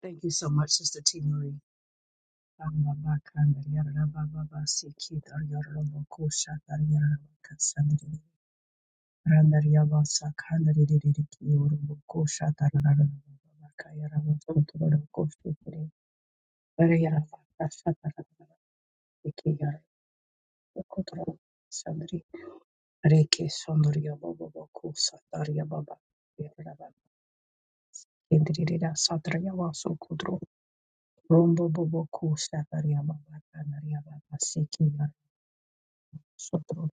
Thank you so much, Sister T. Marie. Reke sondriya baba bako satariya baba yaraba kendiriya satriya vaso kudro rombo baba ko satariya baba kanariya Sotro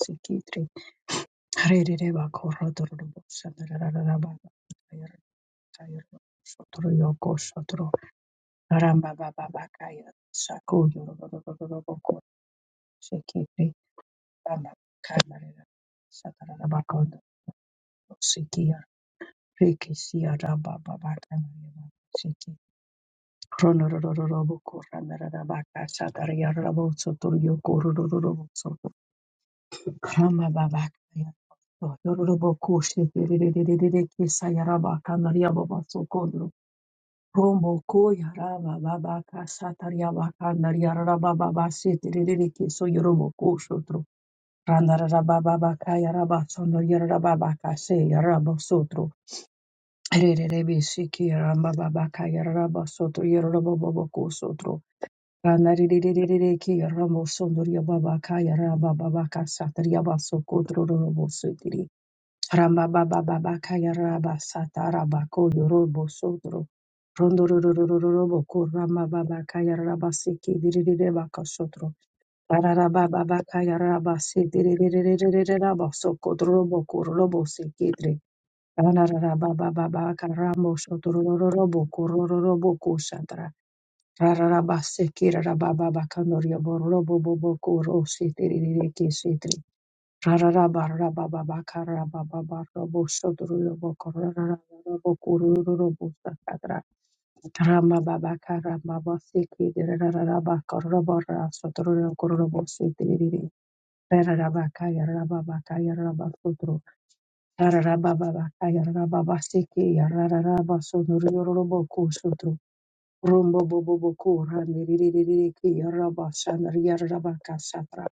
sikitri harere bakoro dororo sadarara baba kayara kayara sotro yoko sotro ramba baba bakaya saku yororo boko sikitri bamba kamarera sadarara bakondo sikia riki sia ramba baba kamarera siki ronororo boko ranarara baka sadara yara boko sotro yoko Karababakaya. Yorobokoshe dererererere kesayarabaka nariyababasokondro. Romokoya rabababaka satariyabaka nariyarabababase dererere keso yorobokosotro. Randarabababakaya rabatsono yarababakase yarabasotro. Rererebesiki yarababakaya yarabasotro yarabababakosotro. Randarirererereke yarabosondoriyababakaya rabababaka satariyabasokotro rorobosetiri. Ramba baba baba kaya raba sata raba koyo robo sodro. Rondo ro ro ro ro ro robo ko ramba baba kaya raba siki diririre baka sodro. Rara baba baba kaya raba si diririre raba soko robo ko robo siki dri. Rana rara baba baba kaya rambo sodro ro ro robo ko ro ro robo ko sandra. Rara raba siki rara baba baka norio bo robo bo bo ko ro si diririre ki si Rumbo bobo boku rani riri riri ki yaraba shan yaraba kasatra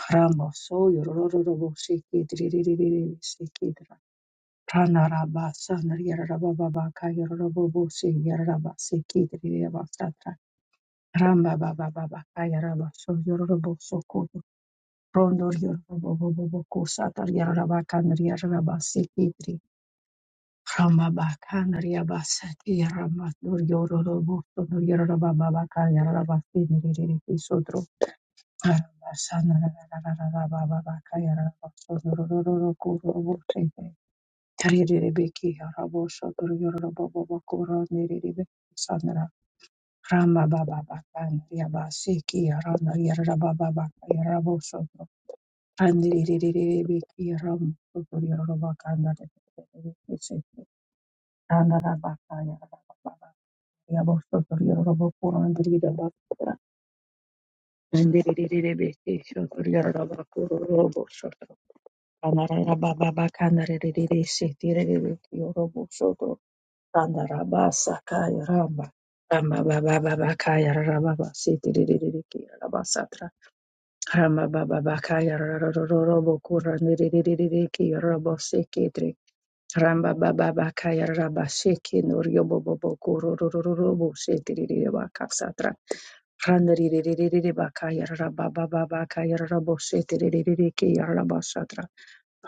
Karamba so yororororobo sekediririririri sekedra. Pranaraba sanar yararaba baba ka yororobobo se yararaba sekediriraba satra. Ramba baba baba ka yaraba so yororobo so kodo. Rondor yororobobobo ko satar yararaba kanar yararaba sekedri. Ramba ba kanar yaraba sati yararaba dur yororobo so dur yararaba baba ka yararaba seniriririri Rama Baba Bakan Yabasiki Rana Yarra Baba Baka Yarabo Soto Randiri Biki Ram Yorobakanda Randa Baka Yarra Baba Yabo Soto Yorobokura and Rida Bakura and Diri Biki Soto Yorobakuro Kandarara baba bakandare rerere shetere rere yorobo shoto kandara basa kaya ramba ramba baba baba kaya ramba shetere rere kira ramba satra ramba baba bakaya rororobo kura rere rere kira ramba sheketre ramba baba bakaya ramba sheke noryobo bobo kuro rororobo shetere rere bakasatra randere rere rere bakaya ramba baba bakaya ramba shetere rere kira ramba satra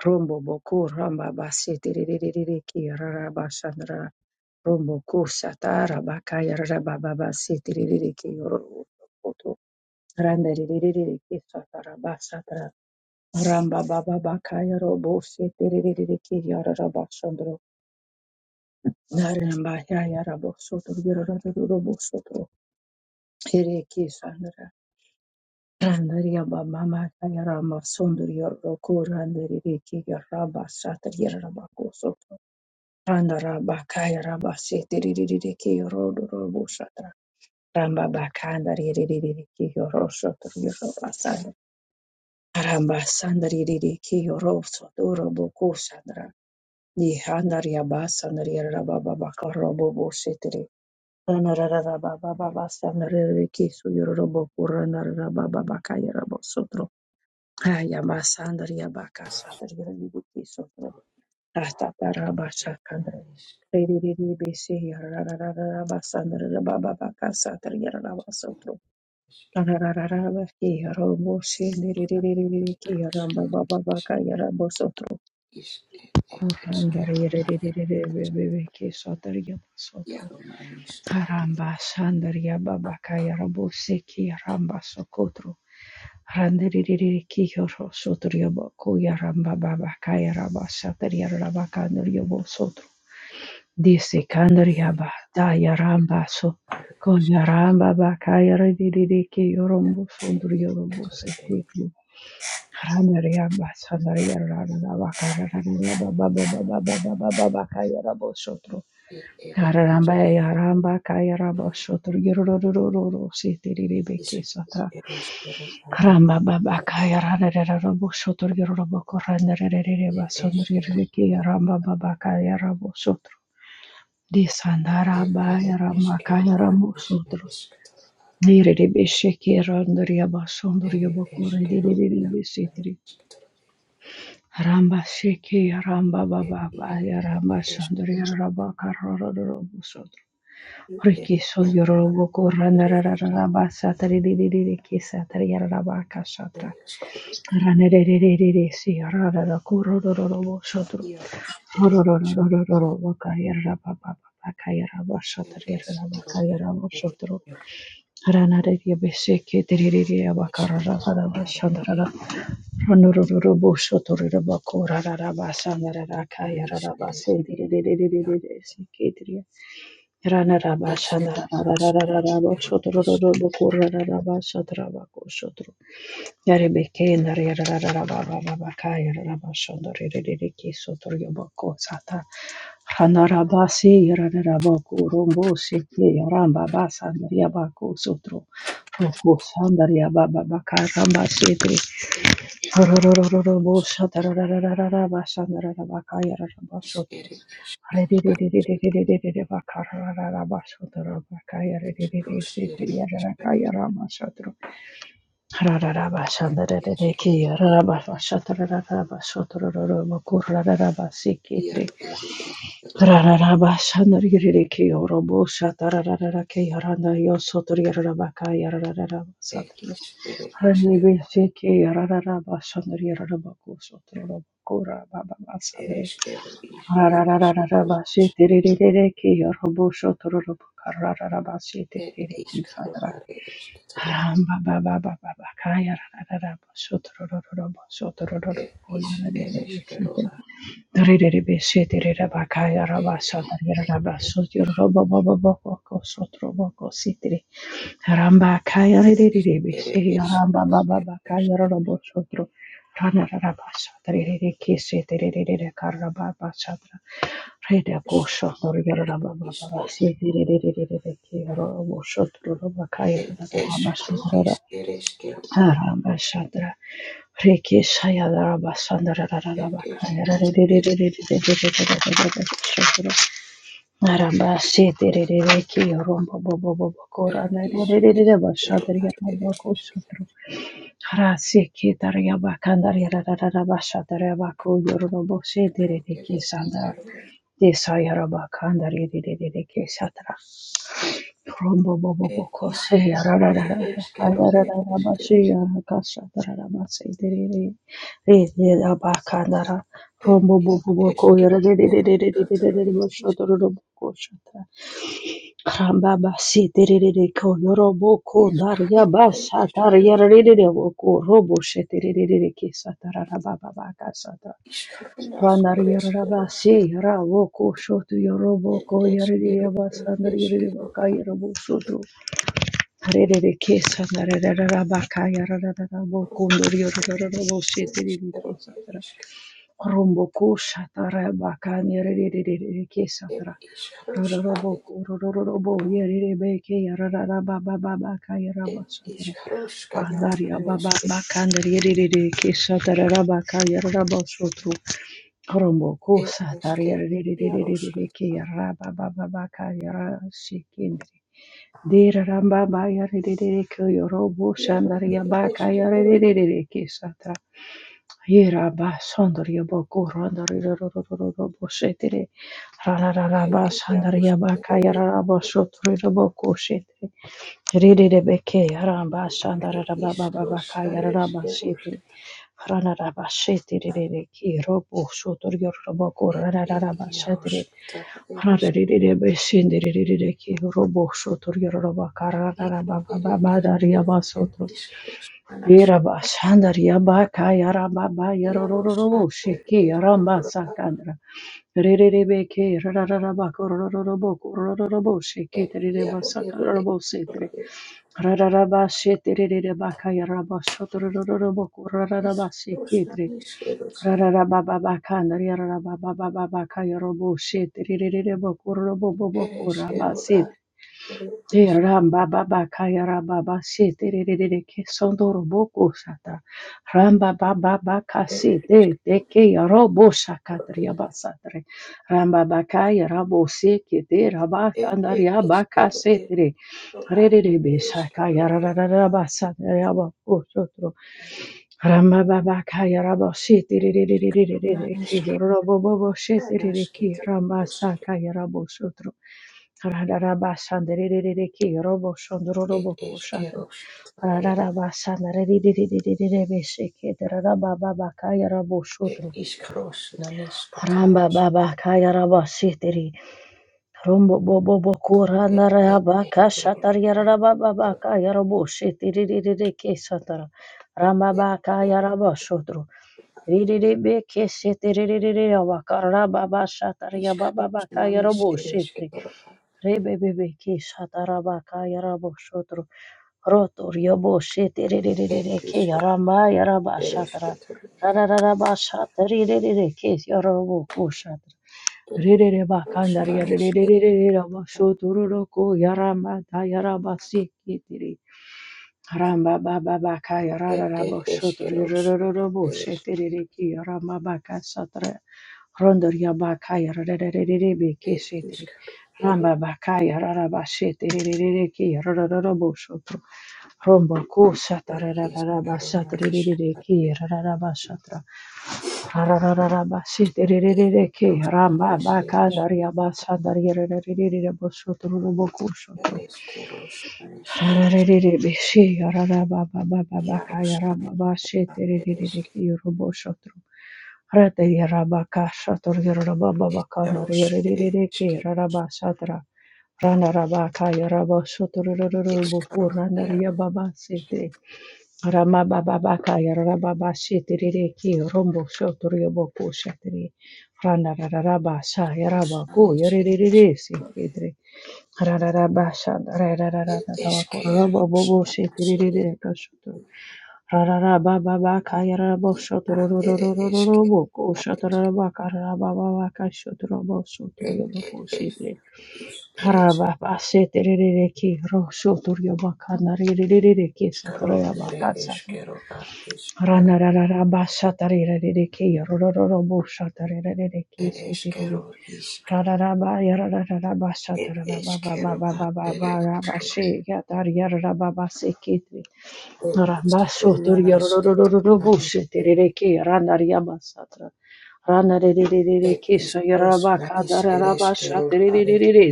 Rombo boku ramba basi tiriririri ki rara basandra. Rombo ku satara bakaya rara baba basi tiririri ki roro koto. Randa riririri ki satara basatra. Ramba baba bakaya robo si tiririri ki rara basandro. Naramba yaya rabo sotro girara robo soto Ere ki sandra. Randa riya baba makaya rama sondri yorro ku randa riri ki raba satri rara bako Randa raba kaya raba sete ririri ki yorodo robo shatra. Ramba bakanda ririri ki yoro shatra yoro basanda. Ramba sanda ririri ki yoro soto robo ko shatra. Ni handa riaba sanda riraba baba ka robo bo shetere. Rana rara raba baba basanda ririri ki su yoro robo rana raba baba kaya robo sotro. Haya masanda riaba ka shatra ririri ki sotro. Astatarabashakandre. Ririririribisi yarararararabasandrerabababakasatr yararabasotro. Ararararabaki yaroboshindiririririki yarababababaka yarabosotro. Kurandar yiriririririribibiki sotr yabasotro. Harambashandar yababaka yarabosiki yarambasokotro. Randiriririki yarosotro yabaku yarambababaka yarabasatr yarabakandr yabosotro. di sekandaria ba da yaramba so kon yaramba ba kayara di di di yorombo sondri yorombo se ki ki hanaria ba sanaria rara la ba karara la ba ba ba ba ba ba ba ba ba ba kayara bo sotro kararamba yaramba kayara bo sotro yororororo se ti di di be ki sata karamba ba ba kayara rara rara bo sotro yororombo koranda rara rara ba sondri rara ki yaramba ba ba kayara bo sotro Desandarabaya Ramakaya Ramosundro. Nirebesheke Randriaba Sondriaba Kore Delebesitri. Ramba Sheke Ramba Baba Baya Ramba Sandri Rabaka Rorobosundro. Riki Sondriaba Korandarabba Satari Diki Satari Rabaka Satra. Ranerere Sierra Rorobosundro. Rana Yarebeke nariyarararabababaka yararabashondorerereke sotoriyoboko sata ranarabasi yarararaboku rombo seke yarambabasa nariyabako sotro roko sandariyabababaka rambasete rororororobo satararararabasa nararabaka yararabashotro rerererererererererabaka rararabashotorabaka yarereresete yararaka Rararararabashandararerekeyoroboshotororobokarararabasheterererekisandra. Ramba baba baba bakaya rarara sotorororo sotorororo koyana rebesite dorere besite rera bakaya raba satarira raba sotorororo baba baba ko sotoro ko sitire Ramba kaya ririri bisi ramba baba bakaya robo sotro rana raba satra ririri kisi tiriri karra baba satra rida kosho norira ramba baba basi tiriri ki robo sotro roba kaya rada ramba satra ramba satra riki saya ramba sandra rada bakaya ririri Arabasheterere kiyorombo bobo bobo korana rerere bashader yaramba koshotro harasi ketar yabakandar yararara bashader yabako yorombo sheterere kesanda desa yarabakandar yerere kesatra rombo bobo boko se yararara yararara bashi yarakashader yarabase derere rerere yabakandara rombo bobo boko yararere bashader yarabako shatra Karambaba seterere ko yorobo ko daria basha daria rerere wo ko robo sheterere ke satarara baba baka sata ranaria raba se ra wo ko shoto yorobo ko yarere basa narere baka yorobo shoto rerere ke satarara baka yarara wo ko norio rororo wo sheterere ke sata Romboko shatara bakani rerererere ke satara. Rororobo rororobo yerebe ke yarara baba baba ka yaraba satara. Rahdaria baba bakani rererere ke satara raba ka yaraba satara. Romboko satara yerererere ke yaraba baba baba ka yaraba shikindri. Dera ramba ba yarere ke yorobo shandaria ba ka yarere ke satara. Yeraba sondriya boko randarira boshetere rararaba sandaria baka yaraba sotrira boko shetere ririre beke yaraba sandarara baba baba ka yaraba shetere ranaraba shetere reki robo sotrira boko ranaraba shetere rarire be sendere reki robo sotrira baka ranaraba baba daria Yeraba shandar yaba kaya raba ba yarorororo sheke yaramba sakandra rerebe ke rararaba korororobo korororobo sheke tereba sakarabo setre rararaba shetere rereba kaya raba shotorororobo kororaraba sheketre rararaba baba kandar yaraba baba baba kaya robo shetere rerebo kororobo bobo koraba setre Hey, Ramba Baba Kaya Ramba Basi Te Re Re Re Re Ke Sondoro Boko Sata Ramba Baba Baka Si Te Te Ke ya Robo Shakatria Basatre Ramba Bakaya Rabo Se Ke Te Raba Sandaria Baka Se Te Re Re Re Re Be Shakaya Ra Ra Ra Ra Ba Sandaria Ba Ko Sotro Ramba Baba Kaya Rabo Se Te Re Re Re Re Re Re Re Re Ke yo Robo Bobo Se Te Re Re Ke Ramba Sakaya Rabo Sotro Rarabashandererereke, roboshondororobokoshata, rararabashandarererererebesheke, rarabababakaya raboshotro, rambababakaya rabasheteri, romboboboboko randarabakashata, rarabababakaya raboshetererereke satara, rambabakaya rabashotro, rererebeke shetererererabaka, rababashatara, yabababakaya rabosheteri, Rebebebeke shatarabaka yarabo shotro rotor yabo shetererereke yarama yaraba shatara rarararaba shatarerereke yarabo ko shatara rerereba kandaria rererereba shotororoko yarama da yaraba Ramba Baba Bakaya Rarabo Shotri Rorobo Shetiriki Ramba Baka Satra Rondoria Bakaya Rarebe Keshetri Ramba Bakaya rara Shetiriki Rorobo Shotro Rombo Ko Satara Raraba rara Raraba Satra Raraba Shetiriki Ramba Baka Daria Basadaria Rarebo Shotro Robo ko Tararererebe-she, yararabababababakayarababa-she, terererereke-yorobosotro. Ratayarabaka-shatoryorobababakanarirerereke, rarabashatra. Ranarabakayarabasotorororoboku, ranariyababasete. Ramabababakayarababa-she, terereke, rombosotoryoboku, shatri. Ranarararabashayarabaku, yarerererese, kedre. Rana rara basha tarira reke, roro roro busha tarira reke, shetiri Rararaba ya-ra-ra-ra-ra-ba, sha-ta-ra-ra-ba-ba-ba-ba-ba-ba-ba, ra-ba-she, ya-ta, ya-ra-ra-ba-ba, se-ke-te. Ra-ba, so-to, ya-ra-ra-ra-ra-ra-ra-bo, she-te-re-re-ke, ra-na-ri-ya-ba, sa-tra. Ra-na-re-re-re-re-re-ke, sha, ta ra ba ba ba ba ba she ya ta ba ba se ke te ra ba so to ya ra ra ra ra ra sa tra re re re re re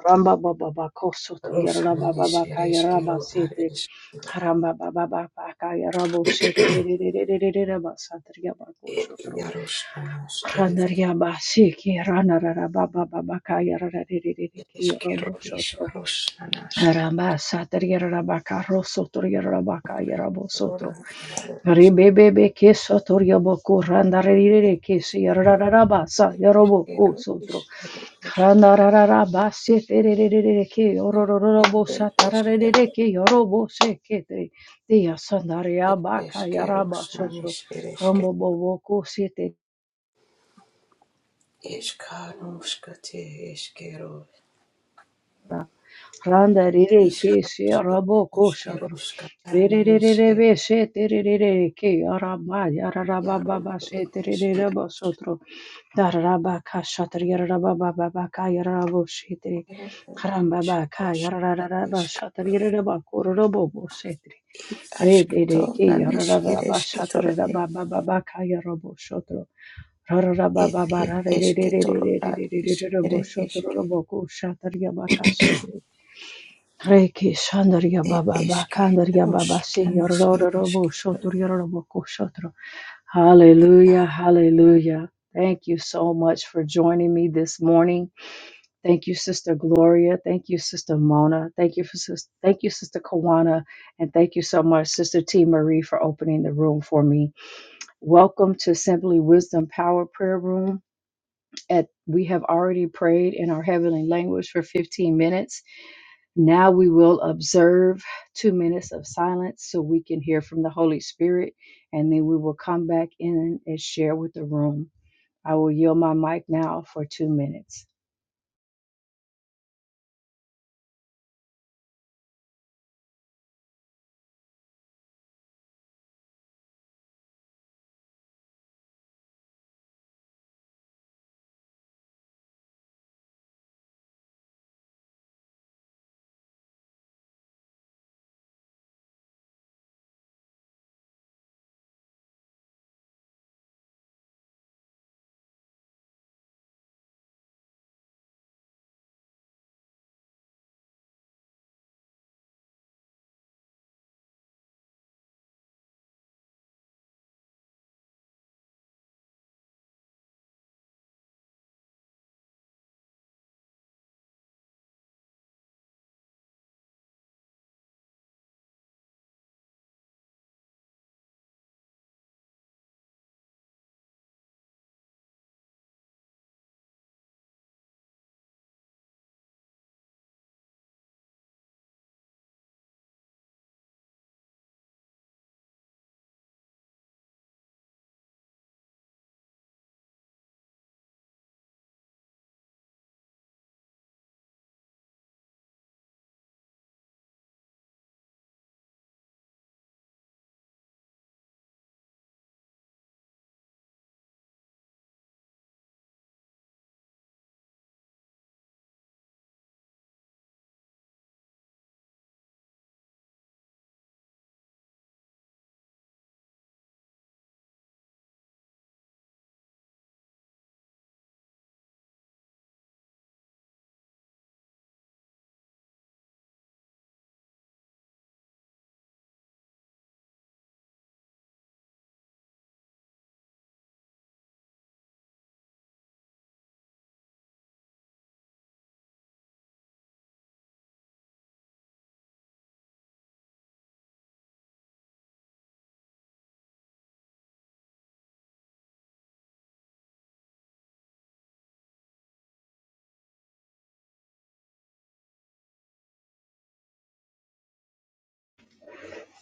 Ramba Baba Bako Sotor Yaraba Baba Kaya Raba Sete Haramba Baba Baba Kaya Rabo Sete Raba Sator Yabako Sotro Ranaria Basiki Ranara Baba Baba Kaya Rara Robo Sotro Ramba satariyara rabaka rosotoriyara rabaka yarabo sotro. Rebebebe ke sotorya boku randarere ke se yarararaba sa yarobo ku sotro. Randarararaba se tererere ke yorororobo sa tararere ke yorobo se ke te. Diya sandarya baka yaraba sotro. Rambo bobo ku se Randa rere ke she rabo ko shatro. Rere rere rebe she tere rere ke araba yararaba baba she tere rere bo sotro. Dararaba ka shatri yararaba baba baka yararabo she tere. Haramba baka yararaba shatri yararaba kororobo bo she tere. Re dere ke yararaba shatri yararaba baba baka yarabo sotro. Rararaba baba rare rere rere rere rere rere rere bo sotro robo ko shatri yabaka shatri. Reiki Shandarya Baba Bakandarya Baba Robo Shotro. Hallelujah, hallelujah. Thank you so much for joining me this morning. Thank you, Sister Gloria. Thank you, Sister Mona. Thank you for sis- thank you, Sister Kawana. And thank you so much, Sister T Marie, for opening the room for me. Welcome to Simply Wisdom Power Prayer Room. At we have already prayed in our heavenly language for 15 minutes. Now we will observe two minutes of silence so we can hear from the Holy Spirit, and then we will come back in and share with the room. I will yield my mic now for two minutes.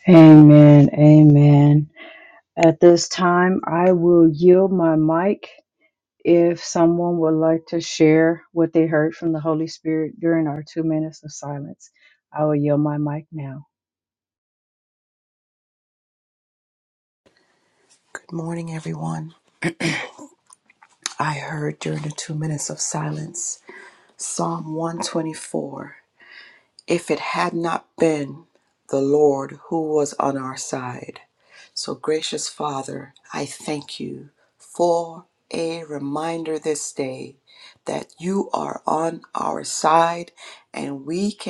Amen. Amen. At this time, I will yield my mic if someone would like to share what they heard from the Holy Spirit during our two minutes of silence. I will yield my mic now.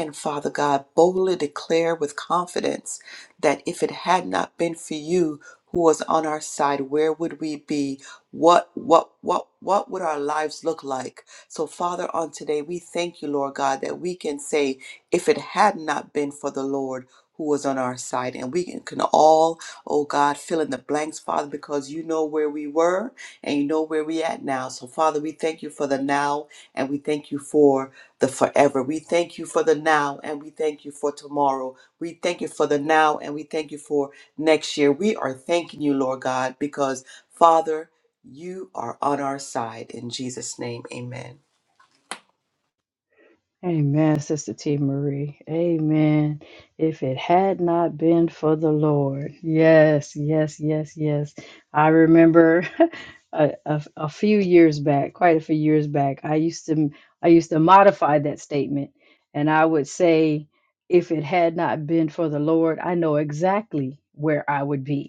can, Father God, boldly declare with confidence that if it had not been for you who was on our side, where would we be? What, what, what, what would our lives look like? So, Father, on today, we thank you, Lord God, that we can say, if it had not been for the Lord, who was on our side. And we can can all, oh God, fill in the blanks, Father, because you know where we were and you know where we at now. So, Father, we thank you for the now and we thank you for the forever. We thank you for the now and we thank you for tomorrow. We thank you for the now and we thank you for next year. We are thanking you, Lord God, because, Father, you are on our side. In Jesus' name, amen. Amen, Sister T. Marie. Amen. If it had not been for the Lord. Yes, yes, yes, yes. I remember a, a, a few years back, quite a few years back, I used to I used to modify that statement and I would say, if it had not been for the Lord, I know exactly where I would be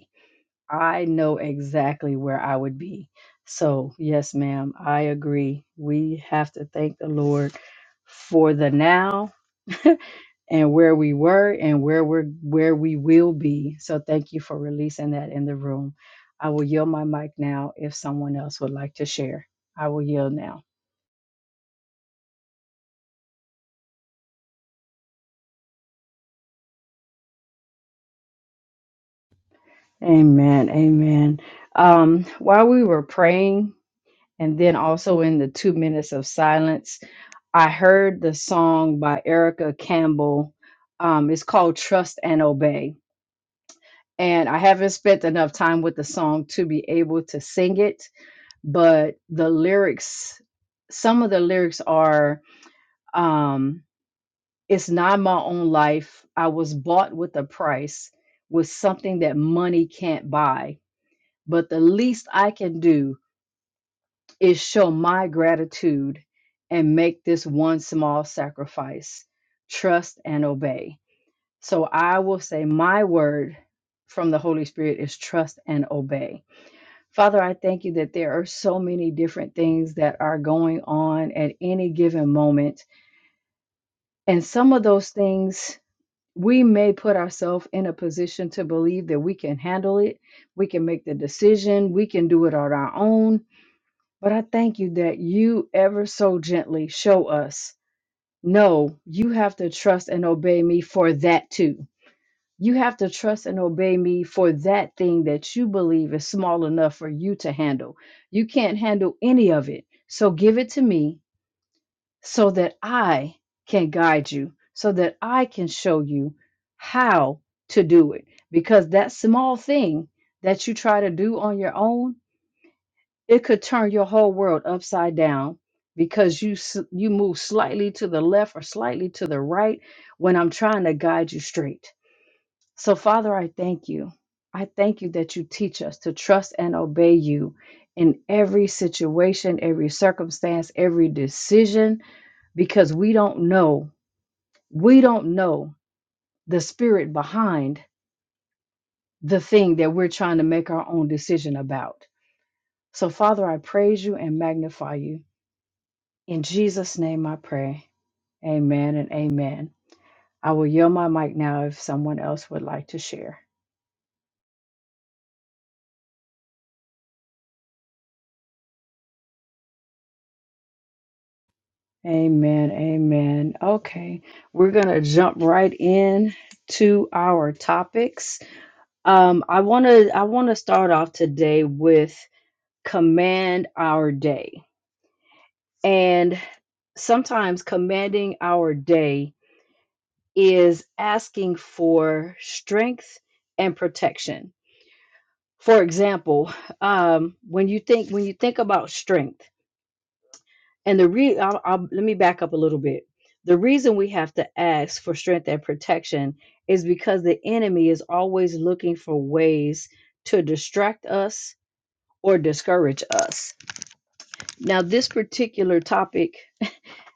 I know exactly where I would be. So, yes, ma'am, I agree. We have to thank the Lord for the now and where we were and where we're where we will be. So, thank you for releasing that in the room. I will yield my mic now if someone else would like to share. I will yield now. Amen. Amen. Um, while we were praying, And then also in the two minutes of silence, I heard the song by Erica Campbell. Um, it's called Trust and Obey. And I haven't spent enough time with the song to be able to sing it, but the lyrics, some of the lyrics are um, It's not my own life. I was bought with a price, with something that money can't buy. But the least I can do is show my gratitude and make this one small sacrifice, trust and obey. So I will say, my word from the Holy Spirit is trust and obey. Father, I thank you that there are so many different things that are going on at any given moment. And some of those things, we may put ourselves in a position to believe that we can handle it, we can make the decision, we can do it on our own but I thank you that you ever so gently show us no, you have to trust and obey me for that too. You have to trust and obey me for that thing that you believe is small enough for you to handle. You can't handle any of it. So give it to me so that I can guide you, so that I can show you how to do it. Because that small thing that you try to do on your own it could turn your whole world upside down because you s- you move slightly to the left or slightly to the right when I'm trying to guide you straight. So Father, I thank you. I thank you that you teach us to trust and obey you in every situation, every circumstance, every decision because we don't know. We don't know the spirit behind the thing that we're trying to make our own decision about. So, Father, I praise you and magnify you. In Jesus' name I pray. Amen and amen. I will yield my mic now if someone else would like to share. Amen. Amen. Okay. We're going to jump right in to our topics. Um I want to I want to start off today with command our day. And sometimes commanding our day is asking for strength and protection for example, um, when you think when you think about strength, and the re I'll, I'll, let me back up a little bit. The reason we have to ask for strength and protection is because the enemy is always looking for ways to distract us or discourage us. Now, this particular topic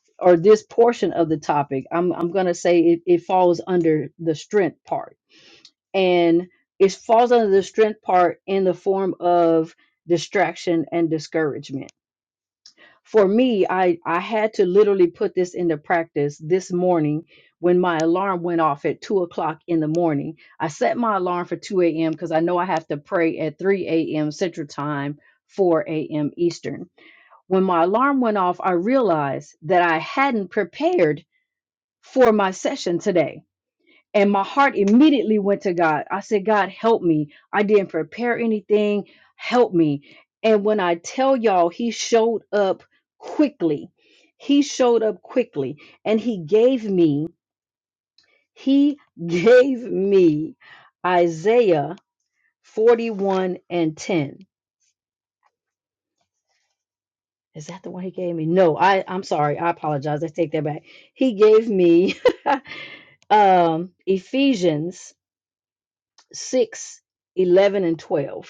or this portion of the topic, I'm I'm going to say it, it falls under the strength part and it falls under the strength part in the form of distraction and discouragement for me i i had to literally put this into practice this morning when my alarm went off at 2 o'clock in the morning i set my alarm for 2 a.m because i know i have to pray at 3 a.m central time 4 a.m eastern when my alarm went off i realized that i hadn't prepared for my session today and my heart immediately went to God. I said, God, help me. I didn't prepare anything. Help me. And when I tell y'all, He showed up quickly. He showed up quickly and He gave me, He gave me Isaiah 41 and 10. Is that the one He gave me? No, I, I'm sorry. I apologize. I take that back. He gave me um, Ephesians 6 11 and 12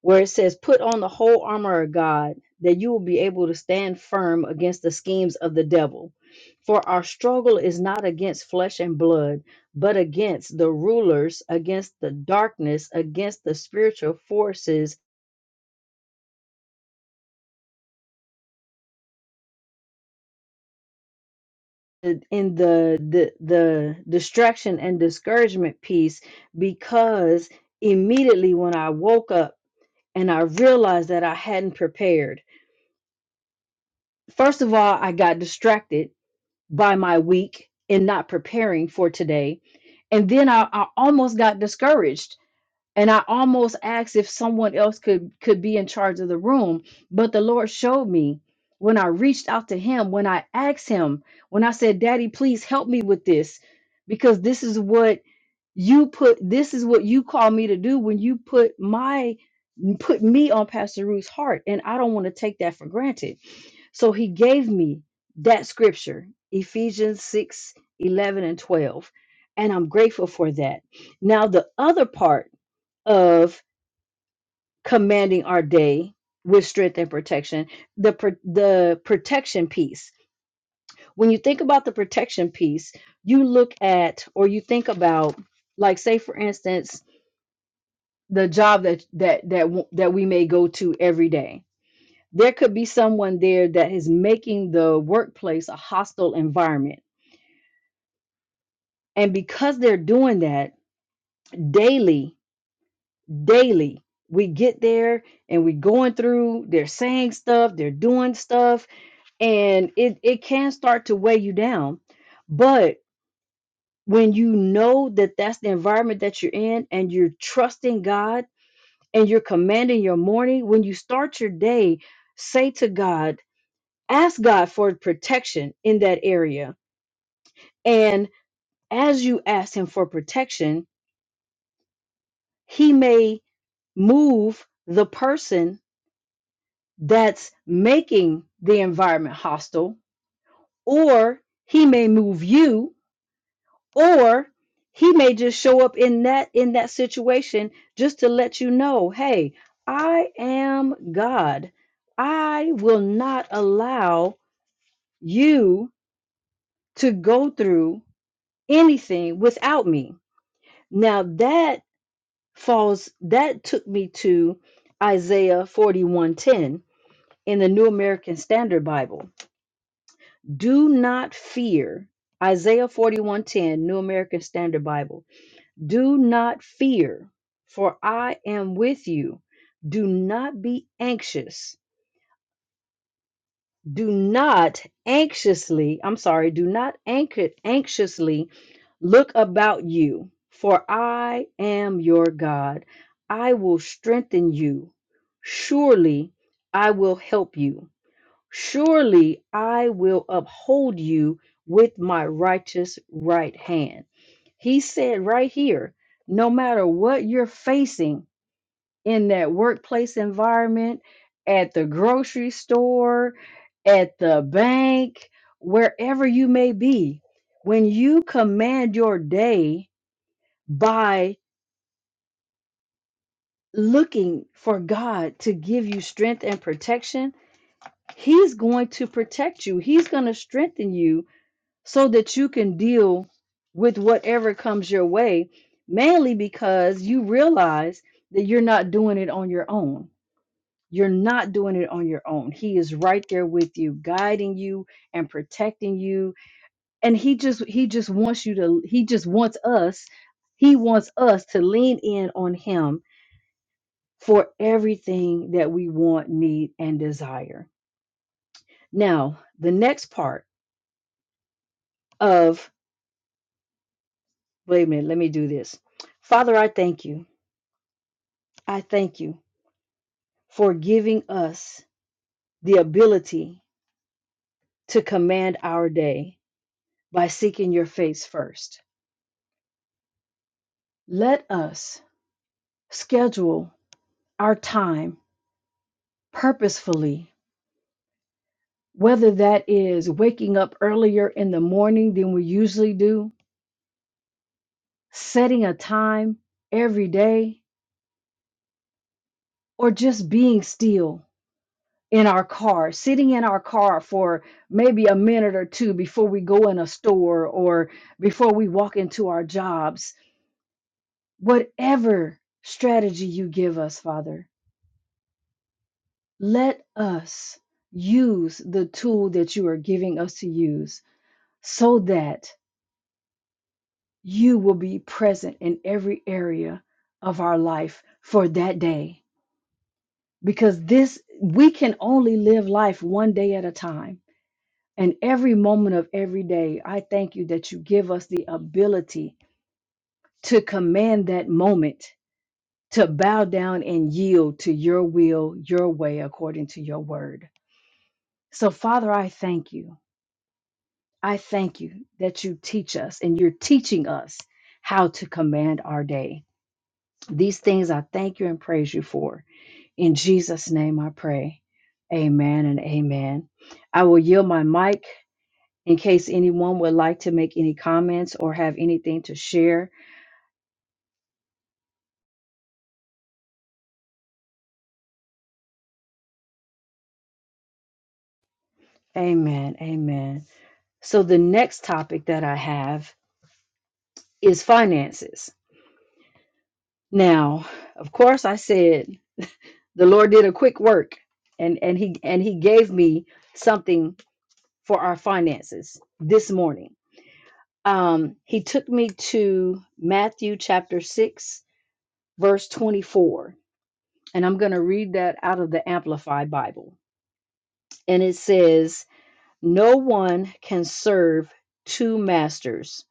where it says, Put on the whole armor of God, that you will be able to stand firm against the schemes of the devil. For our struggle is not against flesh and blood, but against the rulers, against the darkness, against the spiritual forces in the the, the distraction and discouragement piece because immediately when I woke up and I realized that I hadn't prepared. First of all, I got distracted by my week in not preparing for today. And then I, I almost got discouraged and I almost asked if someone else could could be in charge of the room. But the Lord showed me when I reached out to him, when I asked him, when I said, Daddy, please help me with this, because this is what you put this is what you call me to do when you put my put me on Pastor Ruth's heart. And I don't want to take that for granted. So he gave me that scripture, Ephesians 6 11 and 12. And I'm grateful for that. Now, the other part of commanding our day with strength and protection, the, pro- the protection piece. When you think about the protection piece, you look at or you think about, like, say, for instance, the job that that that w- that we may go to every day. There could be someone there that is making the workplace a hostile environment And because they're doing that daily, daily, we get there and we going through, they're saying stuff, they're doing stuff, and it, it can start to weigh you down. But when you know that that's the environment that you're in and you're trusting God and you're commanding your morning, when you start your day, say to God, ask God for protection in that area. And as you ask Him for protection, He may. move the person that's making the environment hostile, or he may move you, or he may just show up in that in that situation just to let you know, hey, I am God. I will not allow you to go through anything without me. Now that falls that took me to Isaiah 41:10 in the New American Standard Bible. Do not fear. Isaiah 41:10, New American Standard Bible. Do not fear, for I am with you. Do not be anxious. Do not anxiously, I'm sorry, do not anx anxiously look about you, for I am your God. I will strengthen you. Surely I will help you. Surely I will uphold you with my righteous right hand. He said right here no matter what you're facing in that workplace environment, at the grocery store, at the bank, wherever you may be, when you command your day by looking for God to give you strength and protection, He's going to protect you, He's going to strengthen you so that you can deal with whatever comes your way, mainly because you realize that you're not doing it on your own. You're not doing it on your own. He is right there with you, guiding you and protecting you. And he just he just wants you to he just wants us, he wants us to lean in on him for everything that we want, need and desire. Now, the next part of wait a minute, let me do this. Father, I thank you. I thank you for giving us the ability to command our day by seeking your face first. Let us schedule our time purposefully, whether that is waking up earlier in the morning than we usually do, setting a time every day, or just being still in our car, sitting in our car for maybe a minute or two before we go in a store or before we walk into our jobs Whatever strategy you give us, Father, let us use the tool that you are giving us to use so that you will be present in every area of our life for that day. Because this, we can only live life one day at a time. And every moment of every day, I thank you that you give us the ability to command that moment to bow down and yield to your will, your way, according to your word. So, Father, I thank you. I thank you that you teach us and you're teaching us how to command our day. These things I thank you and praise you for. In Jesus' name I pray. Amen and amen. I will yield my mic in case anyone would like to make any comments or have anything to share. Amen. Amen. So, the next topic that I have is finances Now, of course, I said the Lord did a quick work, and and he and he gave me something for our finances this morning. Um, he took me to Matthew chapter six, verse twenty-four, and I'm going to read that out of the Amplified Bible, and it says, "No one can serve two masters,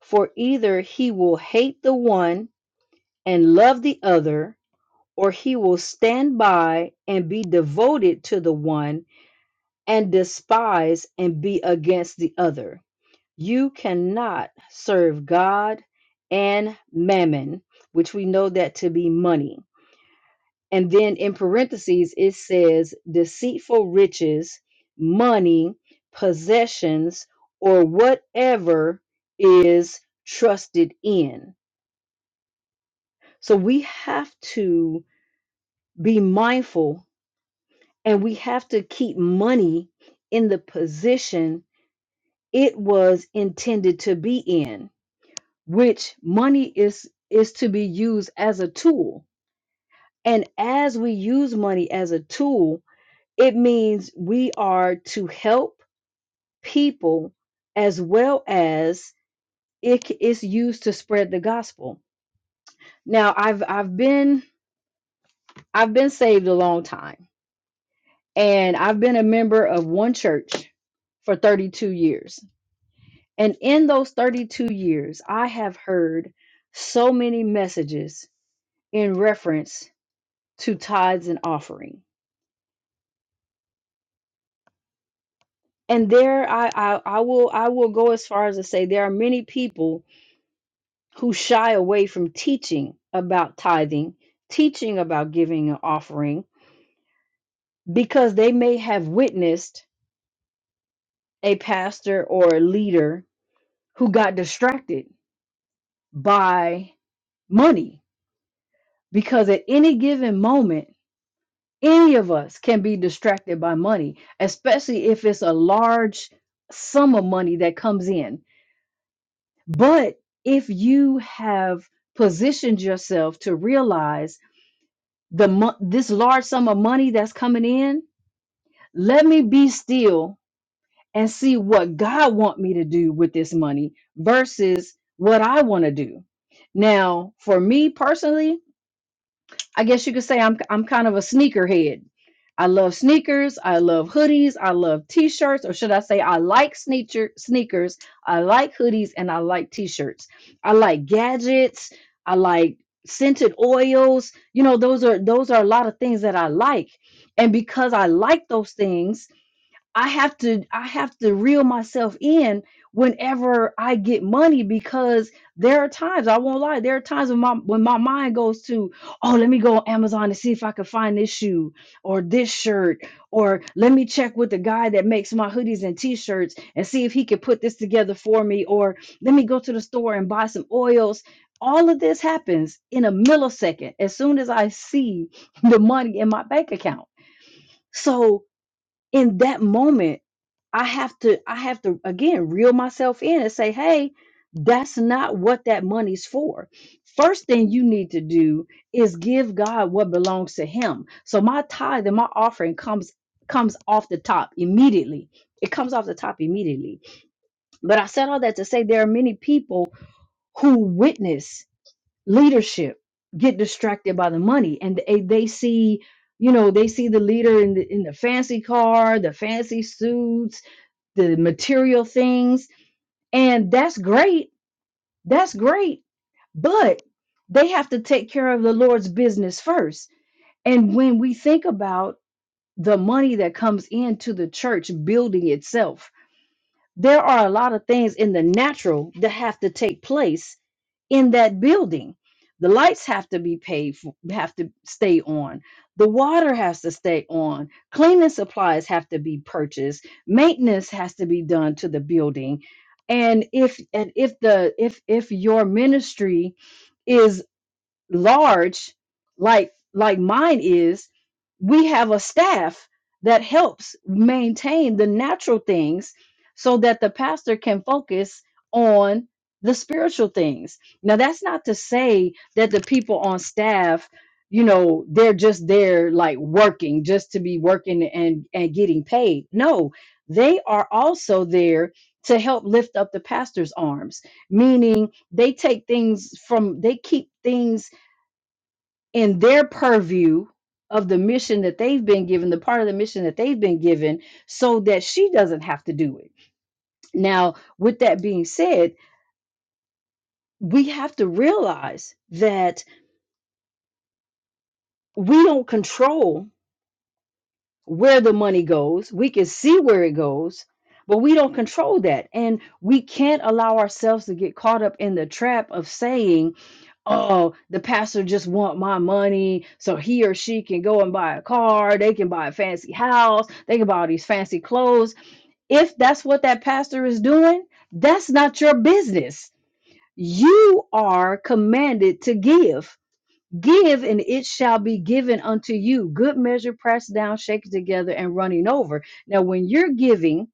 for either he will hate the one and love the other." or he will stand by and be devoted to the one and despise and be against the other. You cannot serve God and mammon, which we know that to be money. And then in parentheses, it says deceitful riches, money, possessions, or whatever is trusted in. So we have to be mindful and we have to keep money in the position it was intended to be in which money is is to be used as a tool and as we use money as a tool it means we are to help people as well as it c- is used to spread the gospel now i've i've been i've been saved a long time and i've been a member of one church for 32 years And in those 32 years, I have heard so many messages in reference to tithes and offering. And there I, I, I will I will go as far as to say there are many people who shy away from teaching about tithing, teaching about giving and offering, because they may have witnessed a pastor or a leader who got distracted by money. Because at any given moment, Any of us can be distracted by money, especially if it's a large sum of money that comes in. But if you have positioned yourself to realize the mo- this large sum of money that's coming in, let me be still and see what God want me to do with this money versus what I want to do. Now, for me personally, I guess you could say I'm I'm kind of a sneakerhead. I love sneakers. I love hoodies. I love t-shirts, or should I say, I like sneaker sneakers. I like hoodies, and I like t-shirts. I like gadgets. I like scented oils. You know, those are those are a lot of things that I like, and because I like those things, I have to I have to reel myself in whenever I get money because there are times I won't lie there are times when my when my mind goes to oh let me go on Amazon and see if I can find this shoe or this shirt or let me check with the guy that makes my hoodies and t-shirts and see if he can put this together for me or let me go to the store and buy some oils all of this happens in a millisecond as soon as I see the money in my bank account so in that moment i have to i have to again reel myself in and say hey that's not what that money's for first thing you need to do is give god what belongs to him so my tithe and my offering comes comes off the top immediately it comes off the top immediately but i said all that to say there are many people who witness leadership get distracted by the money and they, they see you know they see the leader in the in the fancy car the fancy suits the material things and that's great that's great but they have to take care of the lord's business first and when we think about the money that comes into the church building itself there are a lot of things in the natural that have to take place in that building. The lights have to be paid for, have to stay on. The water has to stay on. Cleaning supplies have to be purchased. Maintenance has to be done to the building. And if and if the if if your ministry is large like like mine is we have a staff that helps maintain the natural things so that the pastor can focus on the spiritual things now that's not to say that the people on staff you know they're just there like working just to be working and and getting paid no they are also there to help lift up the pastor's arms meaning they take things from they keep things in their purview of the mission that they've been given, the part of the mission that they've been given, so that she doesn't have to do it. Now, with that being said, we have to realize that we don't control where the money goes. We can see where it goes, but we don't control that. And we can't allow ourselves to get caught up in the trap of saying, oh, the pastor just want my money so he or she can go and buy a car, they can buy a fancy house, they can buy all these fancy clothes. If that's what that pastor is doing, that's not your business. You are commanded to give. Give and it shall be given unto you. Good measure pressed down, shaken together, and running over. Now, when you're giving,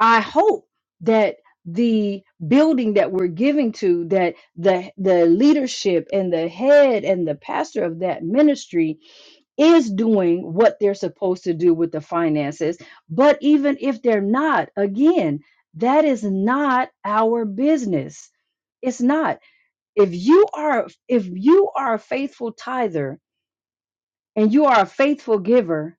I hope that the building that we're giving to that the the leadership and the head and the pastor of that ministry is doing what they're supposed to do with the finances but even if they're not again that is not our business it's not if you are if you are a faithful tither and you are a faithful giver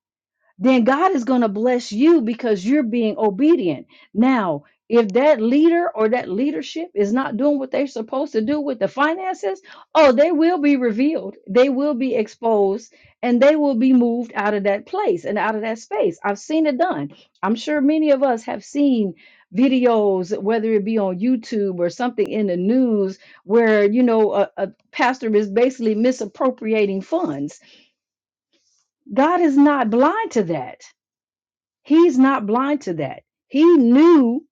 then God is going to bless you because you're being obedient. Now, if that leader or that leadership is not doing what they're supposed to do with the finances, oh, they will be revealed. They will be exposed and they will be moved out of that place and out of that space. I've seen it done. I'm sure many of us have seen videos, whether it be on YouTube or something in the news, where, you know, a, a pastor is basically misappropriating funds. God is not blind to that. He's not blind to that. He knew,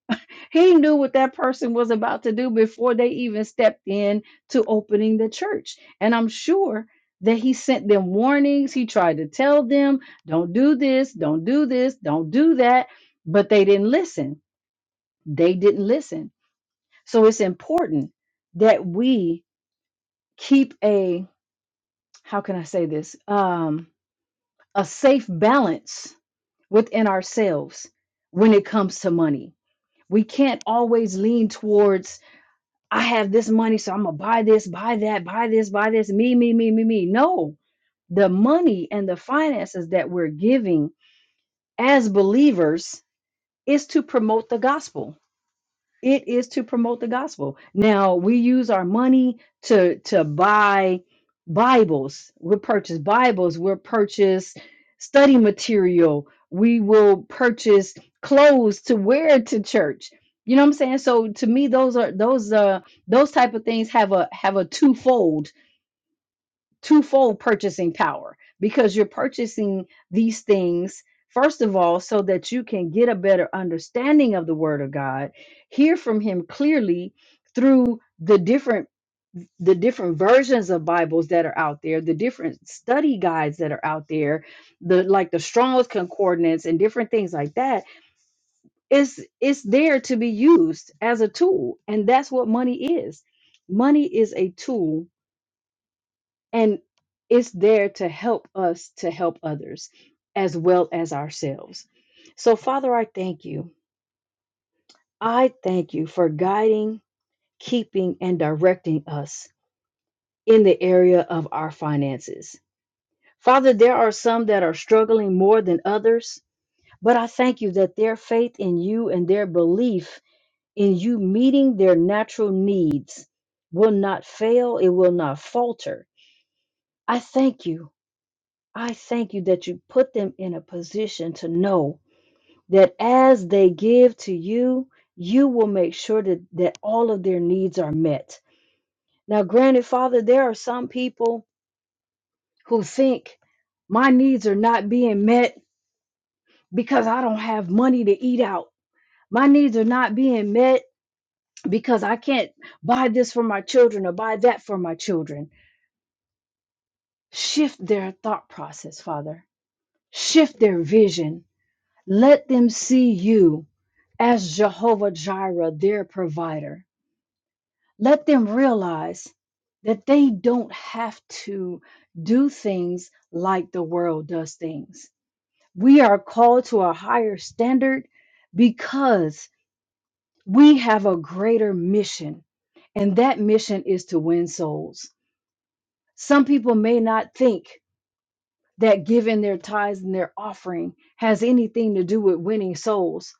he knew what that person was about to do before they even stepped in to opening the church. And I'm sure that he sent them warnings. He tried to tell them, don't do this, don't do this, don't do that. But they didn't listen. They didn't listen. So it's important that we keep a, how can I say this? Um, a safe balance within ourselves when it comes to money We can't always lean towards, I have this money, so I'm going to buy this, buy that, buy this, buy this, me, me, me, me, me. No, the money and the finances that we're giving as believers is to promote the gospel it is to promote the gospel. Now we use our money to to buy Bibles. We'll purchase Bibles. We'll purchase study material. We will purchase clothes to wear to church. You know what I'm saying? So to me, those are those uh those type of things have a have a twofold twofold purchasing power because you're purchasing these things first of all so that you can get a better understanding of the word of god hear from him clearly through the different the different versions of bibles that are out there the different study guides that are out there the like the strong's concordance and different things like that it's it's there to be used as a tool and that's what money is money is a tool and it's there to help us to help others as well as ourselves. So, Father, I thank you. I thank you for guiding, keeping, and directing us in the area of our finances. Father, there are some that are struggling more than others, but I thank you that their faith in you and their belief in you meeting their natural needs will not fail, it will not falter. I thank you I thank you that you put them in a position to know that as they give to you, you will make sure that, that all of their needs are met. Now, granted, Father, there are some people who think my needs are not being met because I don't have money to eat out. My needs are not being met because I can't buy this for my children or buy that for my children. Shift their thought process, Father. Shift their vision Let them see you as Jehovah Jireh, their provider. Let them realize that they don't have to do things like the world does things. We are called to a higher standard because we have a greater mission, and that mission is to win souls. Some people may not think that giving their tithes and their offering has anything to do with winning souls,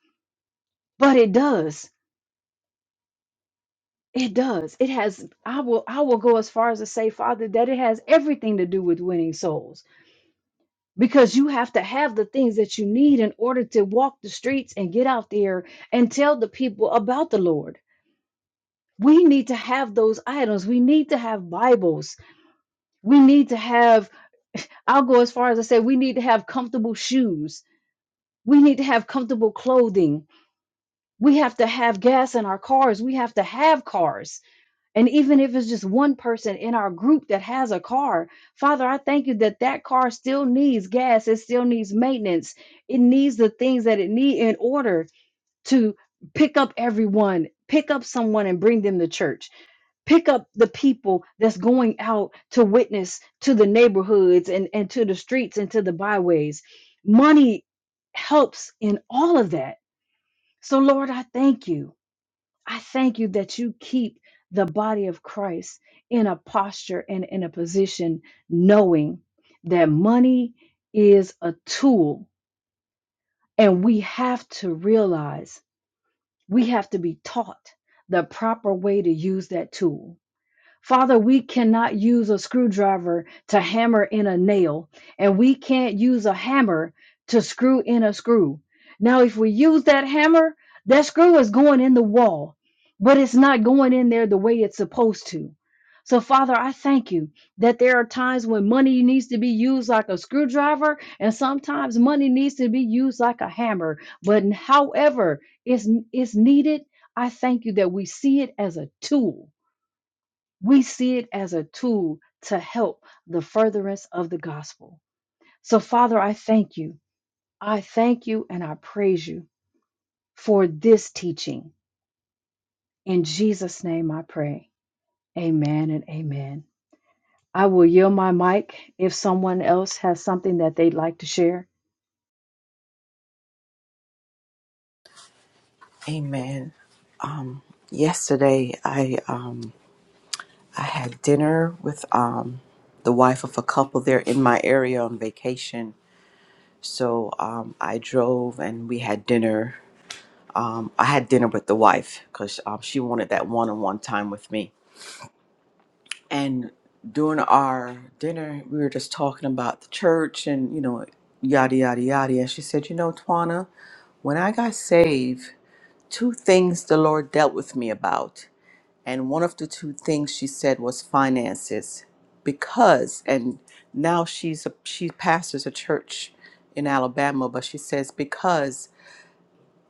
but it does. It does. It has I will I will go as far as to say, Father, that it has everything to do with winning souls. Because you have to have the things that you need in order to walk the streets and get out there and tell the people about the Lord. We need to have those items. We need to have Bibles. We need to have, I'll go as far as to say, we need to have comfortable shoes. We need to have comfortable clothing. We have to have gas in our cars. We have to have cars And even if it's just one person in our group that has a car, Father, I thank you that that car still needs gas. It still needs maintenance. It needs the things that it needs in order to pick up everyone, pick up someone and bring them to church, pick up the people that's going out to witness to the neighborhoods and, and to the streets and to the byways. Money helps in all of that. So, Lord, I thank you. I thank you that you keep the body of Christ in a posture and in a position knowing that money is a tool and we have to realize, we have to be taught the proper way to use that tool Father, we cannot use a screwdriver to hammer in a nail, and we can't use a hammer to screw in a screw. Now, if we use that hammer, that screw is going in the wall, but it's not going in there the way it's supposed to. So, Father, I thank you that there are times when money needs to be used like a screwdriver, and sometimes money needs to be used like a hammer. But however it's, it's needed, I thank you that we see it as a tool we see it as a tool to help the furtherance of the gospel. So, Father, I thank you. I thank you and I praise you for this teaching. In Jesus' name I pray. Amen and amen. I will yield my mic if someone else has something that they'd like to share. Amen. Um, yesterday, I um, I had dinner with um, the wife of a couple there in my area on vacation. So um, I drove and we had dinner. Um, I had dinner with the wife because um, she wanted that one on one time with me. And during our dinner, we were just talking about the church and, you know, yada, yada, yada. And she said, You know, Twana, when I got saved, two things the Lord dealt with me about. And one of the two things she said was finances. Because, and now she's a, she pastors a church in Alabama, but she says, because,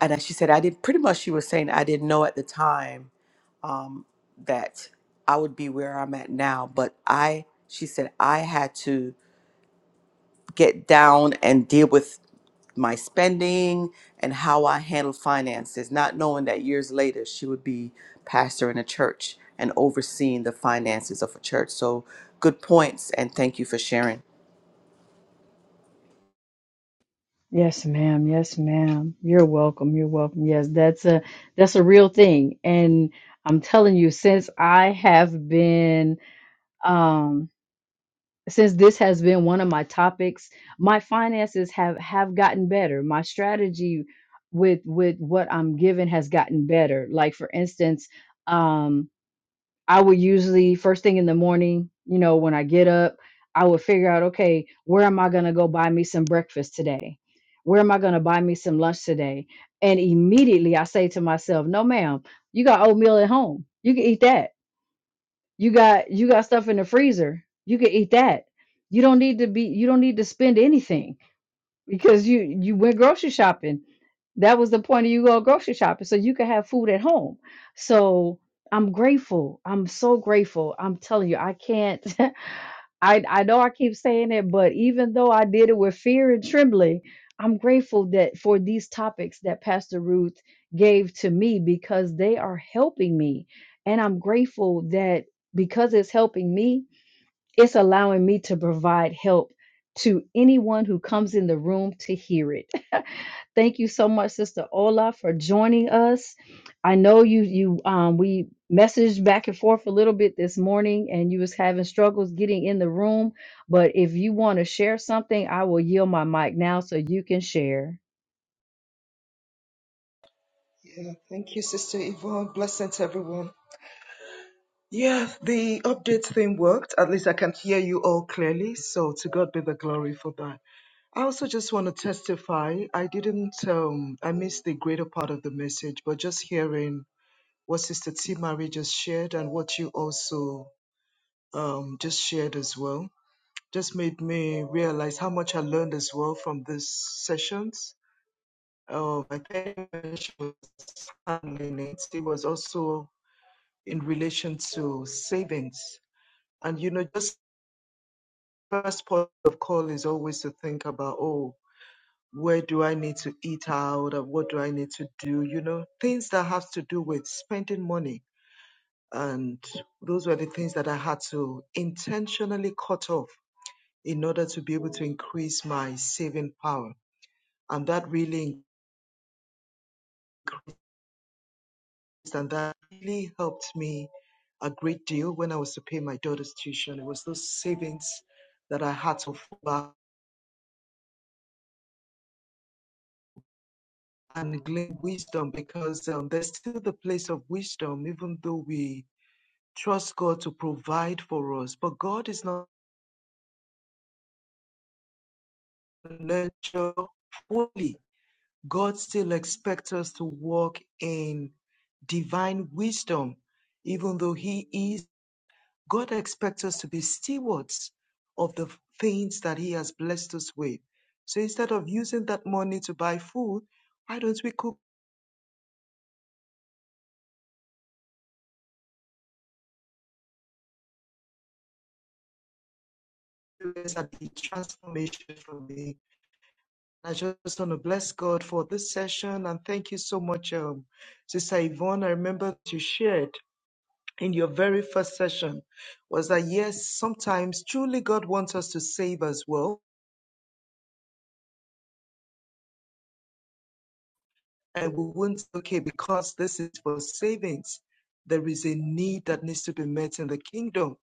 and she said, I did pretty much, she was saying, I didn't know at the time um, that I would be where I'm at now, but I, she said, I had to get down and deal with my spending and how I handle finances, not knowing that years later she would be pastor in a church and overseeing the finances of a church. So, good points, and thank you for sharing. Yes, ma'am. Yes, ma'am. You're welcome. You're welcome. Yes, that's a that's a real thing. And I'm telling you, since I have been um. since this has been one of my topics my finances have have gotten better my strategy with with what i'm given has gotten better like for instance um i would usually first thing in the morning you know when i get up i would figure out okay where am i going to go buy me some breakfast today where am i going to buy me some lunch today and immediately i say to myself no ma'am you got oatmeal at home you can eat that you got you got stuff in the freezer you can eat that you don't need to be you don't need to spend anything because you you went grocery shopping that was the point of you go grocery shopping so you could have food at home so i'm grateful i'm so grateful i'm telling you i can't I, I know I keep saying it, but even though I did it with fear and trembling, I'm grateful that for these topics that Pastor Ruth gave to me because they are helping me. And I'm grateful that because it's helping me, it's allowing me to provide help to anyone who comes in the room to hear it. Thank you so much, Sister Ola, for joining us. I know you you um we messaged back and forth a little bit this morning and you was having struggles getting in the room. But if you want to share something, I will yield my mic now so you can share. Yeah, thank you, Sister Yvonne. Blessings, everyone. Yeah, the update thing worked. At least I can hear you all clearly. So to God be the glory for that. I also just want to testify. I didn't, um, I missed the greater part of the message, but just hearing what Sister T. Marie just shared and what you also um, just shared as well just made me realize how much I learned as well from these sessions. Um, I think she was handling it. It was also in relation to savings. And you know, just first point of call is always to think about, oh, where do I need to eat out or what do I need to do? You know, things that have to do with spending money. And those were the things that I had to intentionally cut off in order to be able to increase my saving power. And that really increased and that really helped me a great deal when I was to pay my daughter's tuition. It was those savings that I had to fall back and glean wisdom because um, there's still the place of wisdom, even though we trust God to provide for us. But God is not a nurture fully. God still expects us to walk in divine wisdom, even though He is. God expects us to be stewards of the things that He has blessed us with. So instead of using that money to buy food, why don't we cook at the transformation from the I just want to bless God for this session and thank you so much, um, Sister Yvonne. I remember you shared in your very first session was that yes, sometimes truly God wants us to save as well and we won't okay, because this is for savings, there is a need that needs to be met in the kingdom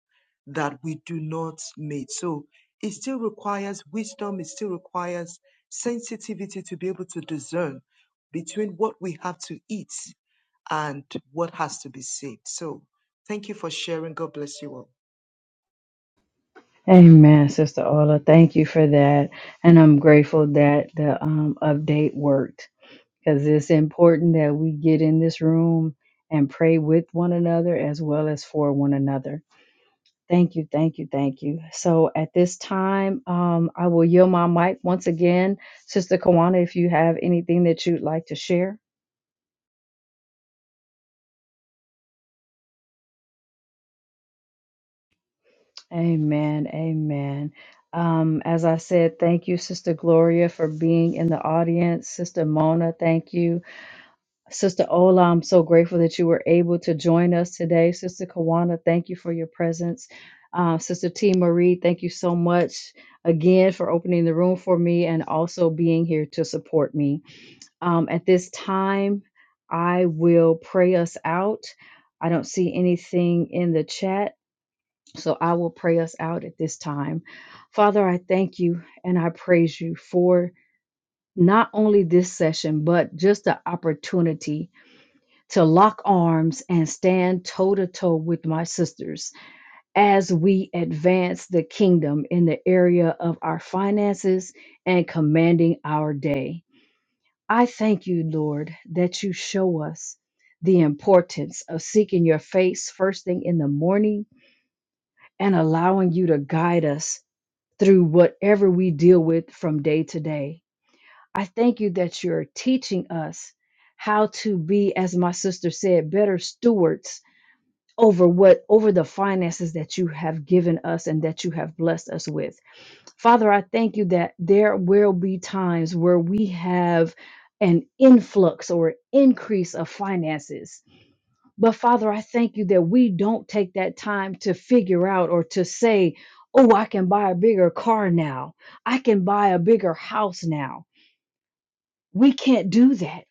that we do not meet. So it still requires wisdom, it still requires sensitivity to be able to discern between what we have to eat and what has to be saved. So thank you for sharing. God bless you all. Amen, Sister Ola. Thank you for that. And I'm grateful that the um, update worked because it's important that we get in this room and pray with one another as well as for one another. Thank you, thank you, thank you. So at this time, um, I will yield my mic once again. Sister Kawana, if you have anything that you'd like to share. Amen, amen. Um, as I said, thank you, Sister Gloria, for being in the audience. Sister Mona, thank you. Sister Ola, I'm so grateful that you were able to join us today. Sister Kawana, thank you for your presence. Uh, Sister T. Marie, thank you so much again for opening the room for me and also being here to support me. Um, at this time, I will pray us out. I don't see anything in the chat, so I will pray us out at this time. Father, I thank you and I praise you for not only this session, but just the opportunity to lock arms and stand toe to toe with my sisters as we advance the kingdom in the area of our finances and commanding our day. I thank you, Lord, that you show us the importance of seeking your face first thing in the morning and allowing you to guide us through whatever we deal with from day to day. I thank you that you're teaching us how to be, as my sister said, better stewards over what over the finances that you have given us and that you have blessed us with. Father, I thank you that there will be times where we have an influx or increase of finances. But Father, I thank you that we don't take that time to figure out or to say, oh, I can buy a bigger car now. I can buy a bigger house now. We can't do that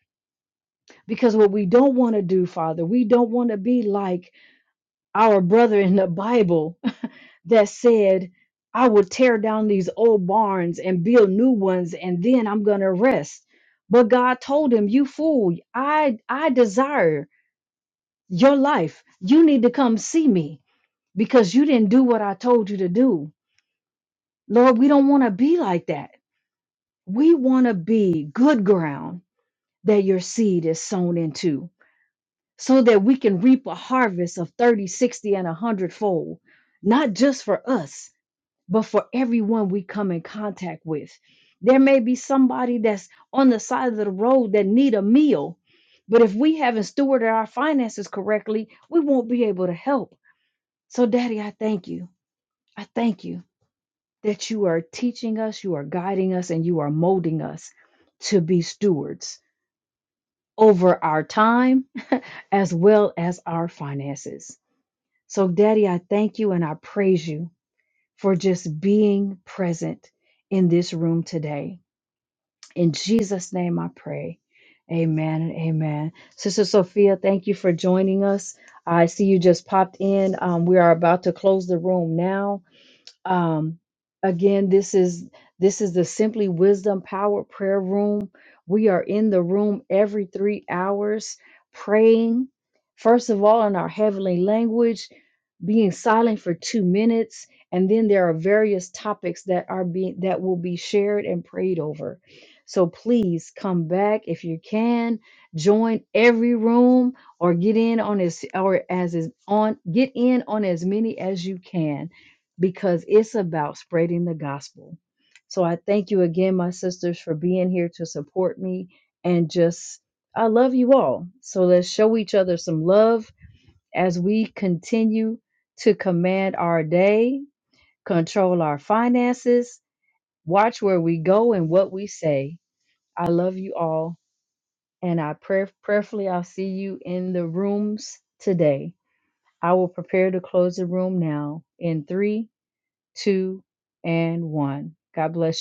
because what we don't want to do, Father, we don't want to be like our brother in the Bible that said, I will tear down these old barns and build new ones, and then I'm going to rest. But God told him, You fool, I, I desire your life. You need to come see me because you didn't do what I told you to do. Lord, we don't want to be like that. We want to be good ground that your seed is sown into so that we can reap a harvest of thirty, sixty, 60, and 100 fold, not just for us but for everyone we come in contact with. There may be somebody that's on the side of the road that need a meal, but if we haven't stewarded our finances correctly, we won't be able to help. So, Daddy, I thank you. I thank you that you are teaching us, you are guiding us, and you are molding us to be stewards over our time as well as our finances. So, Daddy, I thank you and I praise you for just being present in this room today. In Jesus' name I pray. Amen and amen. Sister Sophia, thank you for joining us. I see you just popped in. Um, we are about to close the room now. Um, again, this is this is the Simply Wisdom Power Prayer Room. We are in the room every three hours praying. First of all, in our heavenly language, being silent for two minutes and then there are various topics that are being that will be shared and prayed over so please come back if you can join every room or get in on as or as is on get in on as many as you can because it's about spreading the gospel so i thank you again my sisters for being here to support me and just i love you all so let's show each other some love as we continue to command our day, control our finances, watch where we go and what we say. I love you all, and I pray prayerfully I'll see you in the rooms today. I will prepare to close the room now in three, two, and one. God bless you.